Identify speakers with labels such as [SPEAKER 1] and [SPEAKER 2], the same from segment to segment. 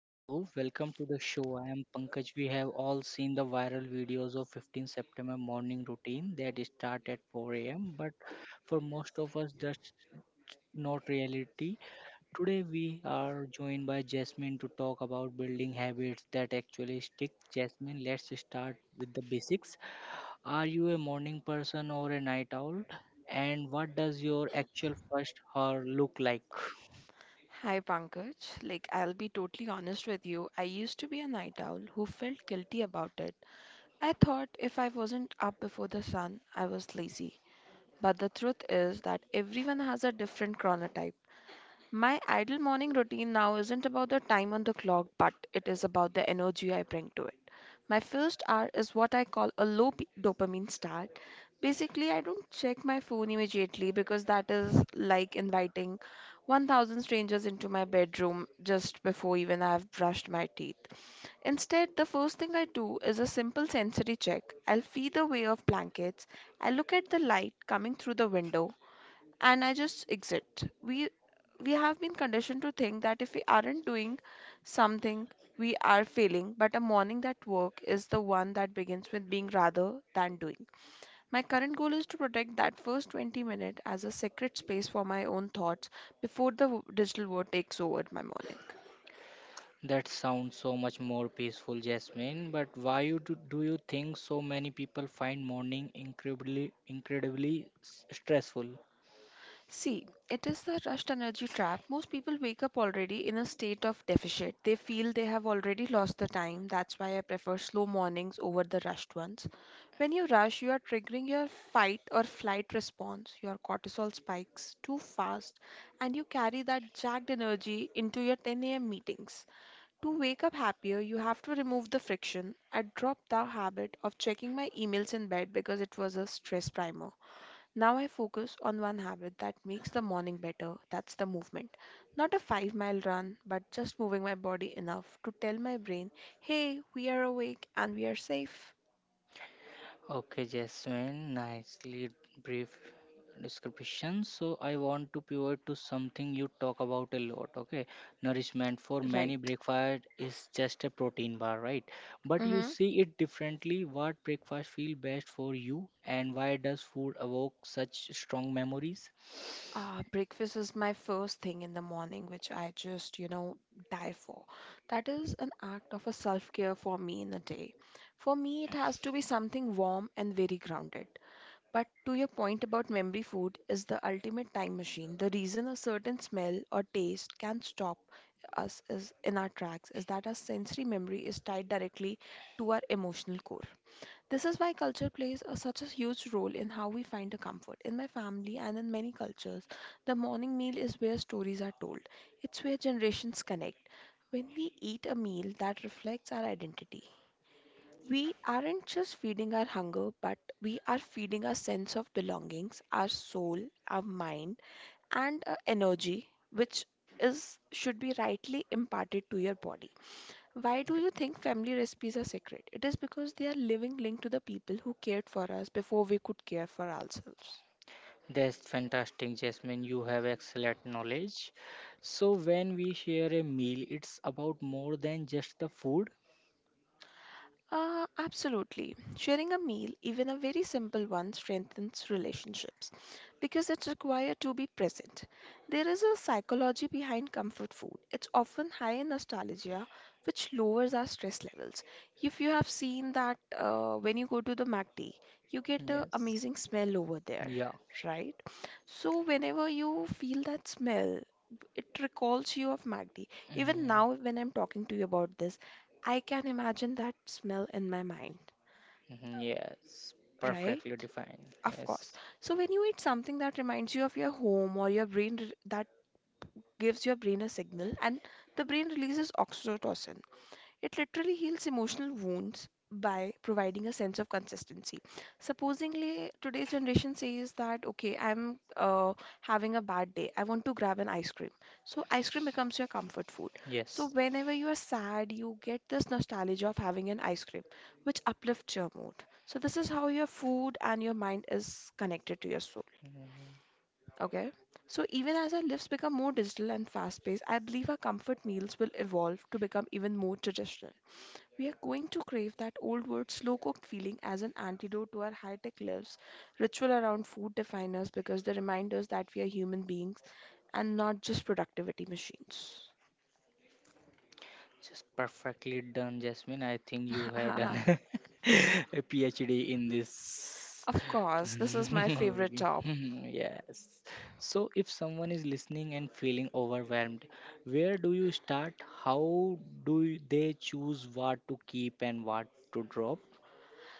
[SPEAKER 1] Hello, welcome to the show. I am Pankaj. We have all seen the viral videos of 15 September morning routine that start at 4 a.m. But for most of us, that's not reality. Today we are joined by Jasmine to talk about building habits that actually stick. Jasmine, let's start with the basics. Are you a morning person or a night owl? And what does your actual first hour look like?
[SPEAKER 2] Hi Pankaj, like I'll be totally honest with you, I used to be a night owl who felt guilty about it. I thought if I wasn't up before the sun, I was lazy. But the truth is that everyone has a different chronotype. My ideal morning routine now isn't about the time on the clock, but it is about the energy I bring to it. My first hour is what I call a dopamine start. Basically, I don't check my phone immediately because that is like inviting 1,000 strangers into my bedroom just before even I have brushed my teeth. Instead, the first thing I do is a simple sensory check. I'll feel the way of blankets. I look at the light coming through the window and I just exit. We have been conditioned to think that if we aren't doing something, we are failing, but a morning that work is the one that begins with being rather than doing. My current goal is to protect that first 20 minutes as a sacred space for my own thoughts before the digital world takes over my morning.
[SPEAKER 1] That sounds so much more peaceful, Jasmine. But why do you think so many people find morning incredibly stressful?
[SPEAKER 2] See, it is the rushed energy trap. Most people wake up already in a state of deficit. They feel they have already lost the time. That's why I prefer slow mornings over the rushed ones. When you rush, you are triggering your fight or flight response. Your cortisol spikes too fast, and you carry that jagged energy into your 10 a.m. meetings. To wake up happier, you have to remove the friction. I dropped the habit of checking my emails in bed because it was a stress primer. Now I focus on one habit that makes the morning better, that's the movement. Not a 5 mile run, but just moving my body enough to tell my brain, hey, we are awake and we are safe.
[SPEAKER 1] Okay, Jasmine, nicely brief description. So I want to pivot to something you talk about a lot. Okay, nourishment for many
[SPEAKER 2] Right.
[SPEAKER 1] breakfast is just a protein bar, right? But you
[SPEAKER 2] Mm-hmm.
[SPEAKER 1] see it differently. What breakfast feel best for you, and why does food evoke such strong memories?
[SPEAKER 2] Breakfast is my first thing in the morning, which I just, you know, die for. That is an act of a self-care for me in a day. For me, it has to be something warm and very grounded. But to your point about memory, food is the ultimate time machine. The reason a certain smell or taste can stop us is in our tracks is that our sensory memory is tied directly to our emotional core. This is why culture plays such a huge role in how we find a comfort. In my family and in many cultures, the morning meal is where stories are told. It's where generations connect. When we eat a meal that reflects our identity, we aren't just feeding our hunger, but we are feeding our sense of belongings, our soul, our mind, and our energy, which is should be rightly imparted to your body. Why do you think family recipes are sacred? It is because they are living link to the people who cared for us before we could care for ourselves.
[SPEAKER 1] That's fantastic, Jasmine. You have excellent knowledge. So, when we share a meal, it's about more than just the food.
[SPEAKER 2] Absolutely. Sharing a meal, even a very simple one, strengthens relationships because it's required to be present. There is a psychology behind comfort food. It's often high in nostalgia, which lowers our stress levels. If you have seen that when you go to the MACD, you get an
[SPEAKER 1] Yes.
[SPEAKER 2] amazing smell over there,
[SPEAKER 1] Yeah.
[SPEAKER 2] right? So whenever you feel that smell, it recalls you of MACD. Even
[SPEAKER 1] Mhm.
[SPEAKER 2] now, when I'm talking to you about this, I can imagine that smell in my mind,
[SPEAKER 1] Mhm. Yes.
[SPEAKER 2] right?
[SPEAKER 1] Perfectly defined.
[SPEAKER 2] Of course.
[SPEAKER 1] Yes.
[SPEAKER 2] So when you eat something that reminds you of your home or your that gives your brain a signal and the brain releases oxytocin. It literally heals emotional wounds by providing a sense of consistency. Supposingly, today's generation says that, okay, I'm having a bad day. I want to grab an ice cream. So, ice cream becomes your comfort food. So,
[SPEAKER 1] Yes.
[SPEAKER 2] whenever you are sad, you get this nostalgia of having an ice cream, which uplifts your mood. So, this is how your food and your mind is connected to your soul.
[SPEAKER 1] Mm-hmm.
[SPEAKER 2] Okay. So, even as our lives become more digital and fast paced, I believe our comfort meals will evolve to become even more traditional. We are going to crave that old word slow cooked feeling as an antidote to our high tech lives. Ritual around food define us because they remind us that we are human beings and not just productivity machines.
[SPEAKER 1] Just perfectly done, Jasmine. I think you have done a PhD in this.
[SPEAKER 2] Of course, this is my favorite
[SPEAKER 1] Okay.
[SPEAKER 2] top.
[SPEAKER 1] Yes. So, if someone is listening and feeling overwhelmed, where do you start? How do they choose what to keep and what to drop?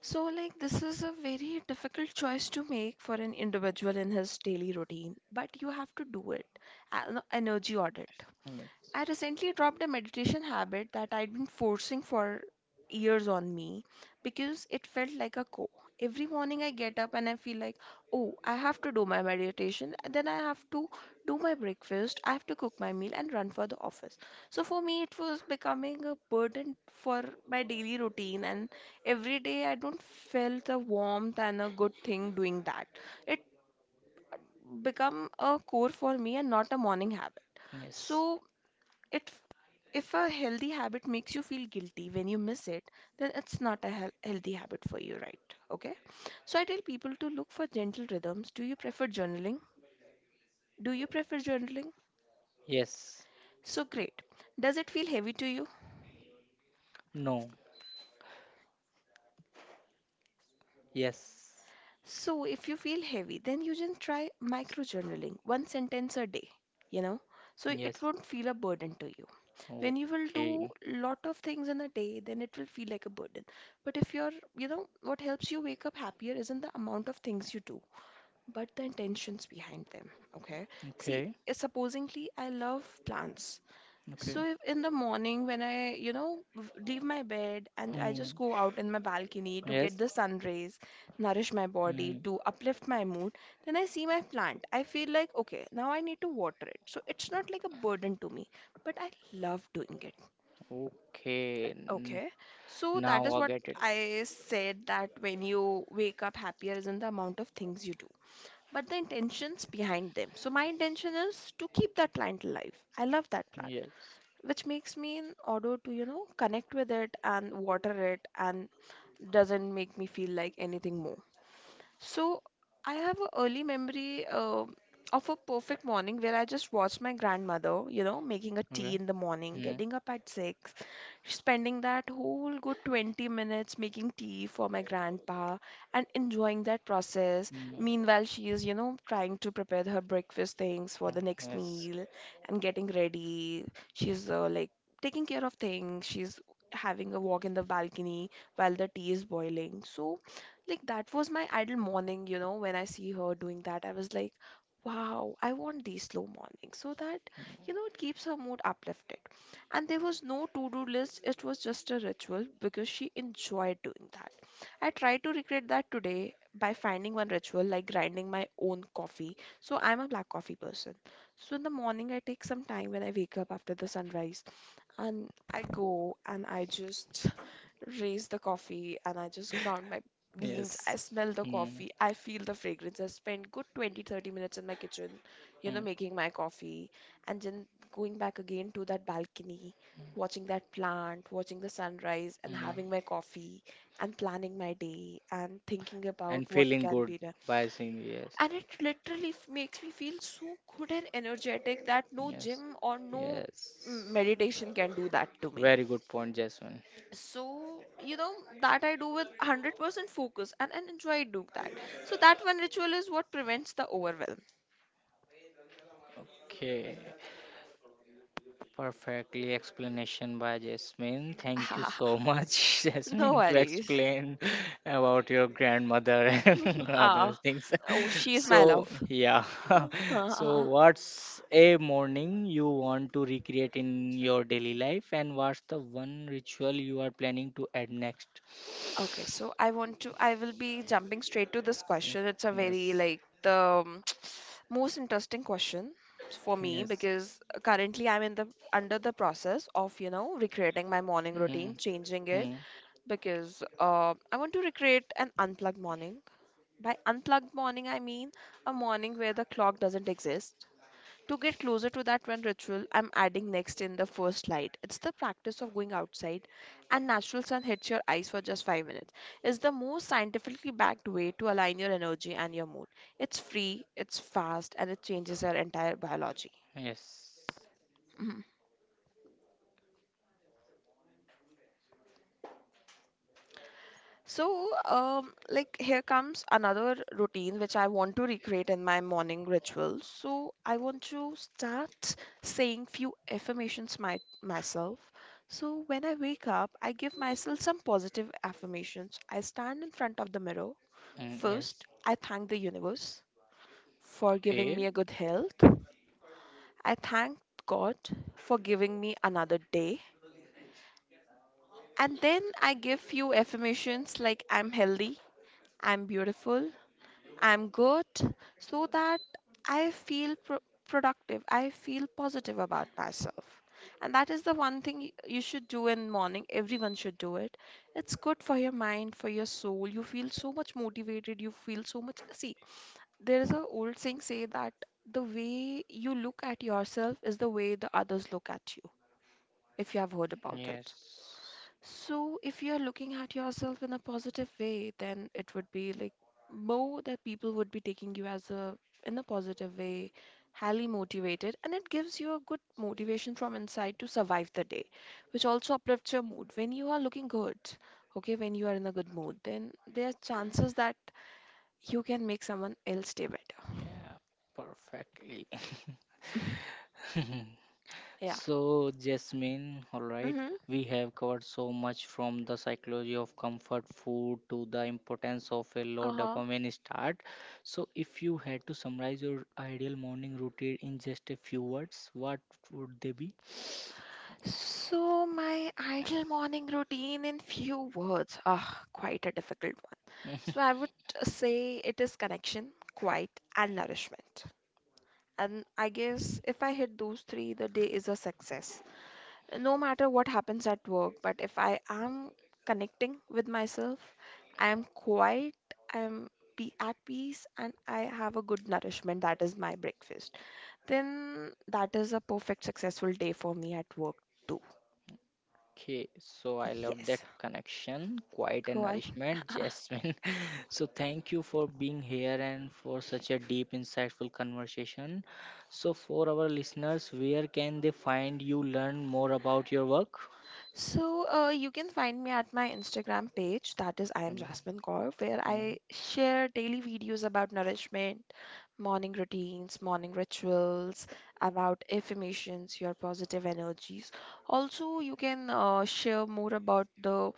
[SPEAKER 2] So, like, this is a very difficult choice to make for an individual in his daily routine, but you have to do it. An energy audit.
[SPEAKER 1] Yes.
[SPEAKER 2] I recently dropped a meditation habit that I'd been forcing for years on me because it felt like a chore. Every morning I get up and I feel like, oh, I have to do my meditation, and then I have to do my breakfast, I have to cook my meal and run for the office. So for me, it was becoming a burden for my daily routine, and every day I don't felt the warmth and a good thing doing that. It become a core for me and not a morning habit.
[SPEAKER 1] Yes.
[SPEAKER 2] So it, if a healthy habit makes you feel guilty when you miss it, then it's not a healthy habit for you, right? Okay. So I tell people to look for gentle rhythms. Do you prefer journaling?
[SPEAKER 1] Yes.
[SPEAKER 2] So great. Does it feel heavy to you?
[SPEAKER 1] No. Yes.
[SPEAKER 2] So if you feel heavy, then you just try micro journaling, one sentence a day, you know, so it
[SPEAKER 1] Yes.
[SPEAKER 2] won't feel a burden to you. When you will do
[SPEAKER 1] Okay.
[SPEAKER 2] lot of things in a day, then it will feel like a burden, but if you're, you know, what helps you wake up happier isn't the amount of things you do, but the intentions behind them. Okay. See,
[SPEAKER 1] Okay.
[SPEAKER 2] supposingly I love plants.
[SPEAKER 1] Okay.
[SPEAKER 2] So if in the morning when I, you know, leave my bed and I just
[SPEAKER 1] Mm.
[SPEAKER 2] go out in my balcony to get
[SPEAKER 1] Yes.
[SPEAKER 2] the sun rays, nourish my body
[SPEAKER 1] Mm.
[SPEAKER 2] to uplift my mood, then I see my plant, I feel like, okay, now I need to water it, so it's not like a burden to me, but I love doing it.
[SPEAKER 1] Okay.
[SPEAKER 2] Okay, so that
[SPEAKER 1] Now
[SPEAKER 2] is
[SPEAKER 1] I
[SPEAKER 2] what
[SPEAKER 1] get it.
[SPEAKER 2] I said, that when you wake up happier isn't the amount of things you do, but the intentions behind them. So my intention is to keep that plant alive. I love that plant,
[SPEAKER 1] Yes.
[SPEAKER 2] which makes me in order to, you know, connect with it and water it and doesn't make me feel like anything more. So I have a early memory of a perfect morning where I just watched my grandmother, you know, making a tea
[SPEAKER 1] Okay.
[SPEAKER 2] in the morning,
[SPEAKER 1] Mm,
[SPEAKER 2] getting up at six, spending that whole good 20 minutes making tea for my grandpa and enjoying that process.
[SPEAKER 1] mm,
[SPEAKER 2] Meanwhile, she is, you know, trying to prepare her breakfast things for
[SPEAKER 1] oh,
[SPEAKER 2] the next
[SPEAKER 1] yes.
[SPEAKER 2] meal and getting ready. She's like taking care of things. She's having a walk in the balcony while the tea is boiling. So like that was my idle morning, you know, when I see her doing that, I was like, wow, I want these slow mornings so that, you know, it keeps her mood uplifted. And there was no to-do list, it was just a ritual because she enjoyed doing that. I try to recreate that today by finding one ritual like grinding my own coffee. So I'm a black coffee person. So in the morning I take some time when I wake up after the sunrise and I go and I just raise the coffee and I just ground my beans. I
[SPEAKER 1] Yes.
[SPEAKER 2] smell the
[SPEAKER 1] Mm,
[SPEAKER 2] coffee. I feel the fragrance. I spend good 20, 30 minutes in my kitchen, you know,
[SPEAKER 1] mm,
[SPEAKER 2] making my coffee and then going back again to that balcony, watching that plant, watching the sunrise and having
[SPEAKER 1] mm.
[SPEAKER 2] my coffee and planning my day and thinking about
[SPEAKER 1] And
[SPEAKER 2] what
[SPEAKER 1] feeling
[SPEAKER 2] can
[SPEAKER 1] good
[SPEAKER 2] be,
[SPEAKER 1] by seeing, yes.
[SPEAKER 2] and it literally makes me feel so good and energetic that no
[SPEAKER 1] Yes.
[SPEAKER 2] gym or no
[SPEAKER 1] Yes.
[SPEAKER 2] meditation can do that to me.
[SPEAKER 1] Very good point, Jasmine.
[SPEAKER 2] So, you know, that I do with 100% focus and, enjoy doing that, so that one ritual is what prevents the overwhelm.
[SPEAKER 1] Okay. Perfectly explanation by Jasmine. Thank you so much,
[SPEAKER 2] No
[SPEAKER 1] Jasmine, to
[SPEAKER 2] worries.
[SPEAKER 1] explain about your grandmother and
[SPEAKER 2] Ah.
[SPEAKER 1] other things.
[SPEAKER 2] Oh, she is my
[SPEAKER 1] So
[SPEAKER 2] love.
[SPEAKER 1] yeah. So
[SPEAKER 2] Ah.
[SPEAKER 1] what's a morning you want to recreate in your daily life and what's the one ritual you are planning to add next?
[SPEAKER 2] Okay, so I want to, I will be jumping straight to this
[SPEAKER 1] Mm,
[SPEAKER 2] question. It's a very
[SPEAKER 1] yes.
[SPEAKER 2] like the um, most interesting question for me
[SPEAKER 1] Yes.
[SPEAKER 2] because currently I'm in the under the process of, you know, recreating my morning
[SPEAKER 1] Mm,
[SPEAKER 2] routine, changing it
[SPEAKER 1] mm,
[SPEAKER 2] because I want to recreate an unplugged morning. By unplugged morning, I mean a morning where the clock doesn't exist, to get closer to that one ritual I'm adding next in the first slide. It's the practice of going outside and natural sun hits your eyes for just 5 minutes. It's the most scientifically backed way to align your energy and your mood. It's free, it's fast, and it changes your entire biology.
[SPEAKER 1] yes.
[SPEAKER 2] So, like here comes another routine which I want to recreate in my morning ritual. So I want to start saying few affirmations my myself. So when I wake up, I give myself some positive affirmations. I stand in front of the mirror.
[SPEAKER 1] Mm, yes.
[SPEAKER 2] First, I thank the universe for giving
[SPEAKER 1] Fair.
[SPEAKER 2] me a good health. I thank God for giving me another day. And then I give few affirmations like I'm healthy, I'm beautiful, I'm good, so that I feel productive. I feel positive about myself. And that is the one thing you should do in morning. Everyone should do it. It's good for your mind, for your soul. You feel so much motivated. You feel so much. See, there is an old saying say that the way you look at yourself is the way the others look at you, if you have heard about it.
[SPEAKER 1] Yes.
[SPEAKER 2] So, if you're looking at yourself in a positive way, then it would be like more that people would be taking you as a in a positive way, highly motivated, and it gives you a good motivation from inside to survive the day, which also uplifts your mood. When you are looking good, okay, when you are in a good mood, then there are chances that you can make someone else day better.
[SPEAKER 1] Yeah, perfectly.
[SPEAKER 2] Yeah.
[SPEAKER 1] So, Jasmine, all right,
[SPEAKER 2] Mm-hmm.
[SPEAKER 1] we have covered so much from the psychology of comfort food to the importance of a low dopamine start. So, if you had to summarize your ideal morning routine in just a few words, what would they be?
[SPEAKER 2] So, my ideal morning routine in few words, ah, quite a difficult one. So, I would say it is connection, quiet, and nourishment. And I guess if I hit those three, the day is a success. No matter what happens at work, but if I am connecting with myself, I am quiet, I am be at peace, and I have a good nourishment, that is my breakfast, then that is a perfect successful day for me at work too.
[SPEAKER 1] Okay, so I love that
[SPEAKER 2] Yes.
[SPEAKER 1] connection, quiet and
[SPEAKER 2] Cool.
[SPEAKER 1] nourishment, Jasmine. So thank you for being here and for such a deep, insightful conversation. So for our listeners, where can they find you, learn more about your work?
[SPEAKER 2] So, you can find me at my Instagram page, that is I
[SPEAKER 1] Mm,
[SPEAKER 2] am Jasmine Kaur, where I
[SPEAKER 1] mm,
[SPEAKER 2] share daily videos about nourishment, morning routines, morning rituals, about affirmations, your positive energies. Also, you can share more about the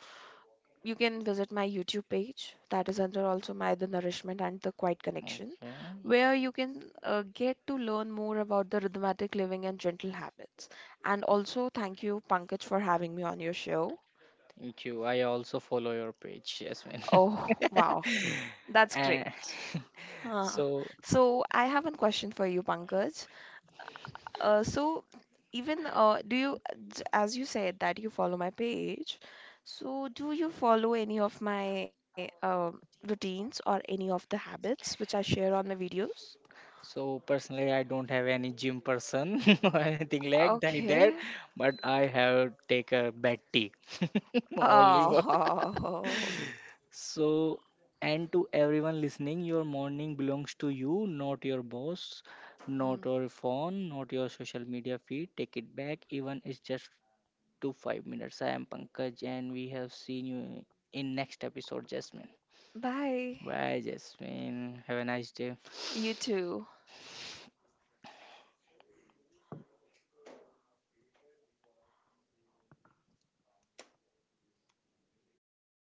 [SPEAKER 2] you can visit my YouTube page that is under also my The Nourishment and The Quiet
[SPEAKER 1] okay.
[SPEAKER 2] Connection, where you can get to learn more about the rhythmatic living and gentle habits. And also, thank you, Pankaj, for having me on your show.
[SPEAKER 1] Thank you. I also follow your page, Yasmin.
[SPEAKER 2] Oh, wow, that's
[SPEAKER 1] And
[SPEAKER 2] great. Huh.
[SPEAKER 1] so,
[SPEAKER 2] So, I have one question for you, Pankaj. So even, do you, as you said that you follow my page, so do you follow any of my routines or any of the habits which I share on my videos?
[SPEAKER 1] so personally, I don't have any gym person or anything like that,
[SPEAKER 2] Okay.
[SPEAKER 1] but I have take a bad tea only for.
[SPEAKER 2] Oh.
[SPEAKER 1] So, and to everyone listening, your morning belongs to you, not your boss, not your phone, not your social media feed. Take it back, even it's just to 5 minutes. I am Pankaj, and we have seen you in next episode, Jasmine.
[SPEAKER 2] Bye.
[SPEAKER 1] Bye, Jasmine. Have a nice day.
[SPEAKER 2] You too.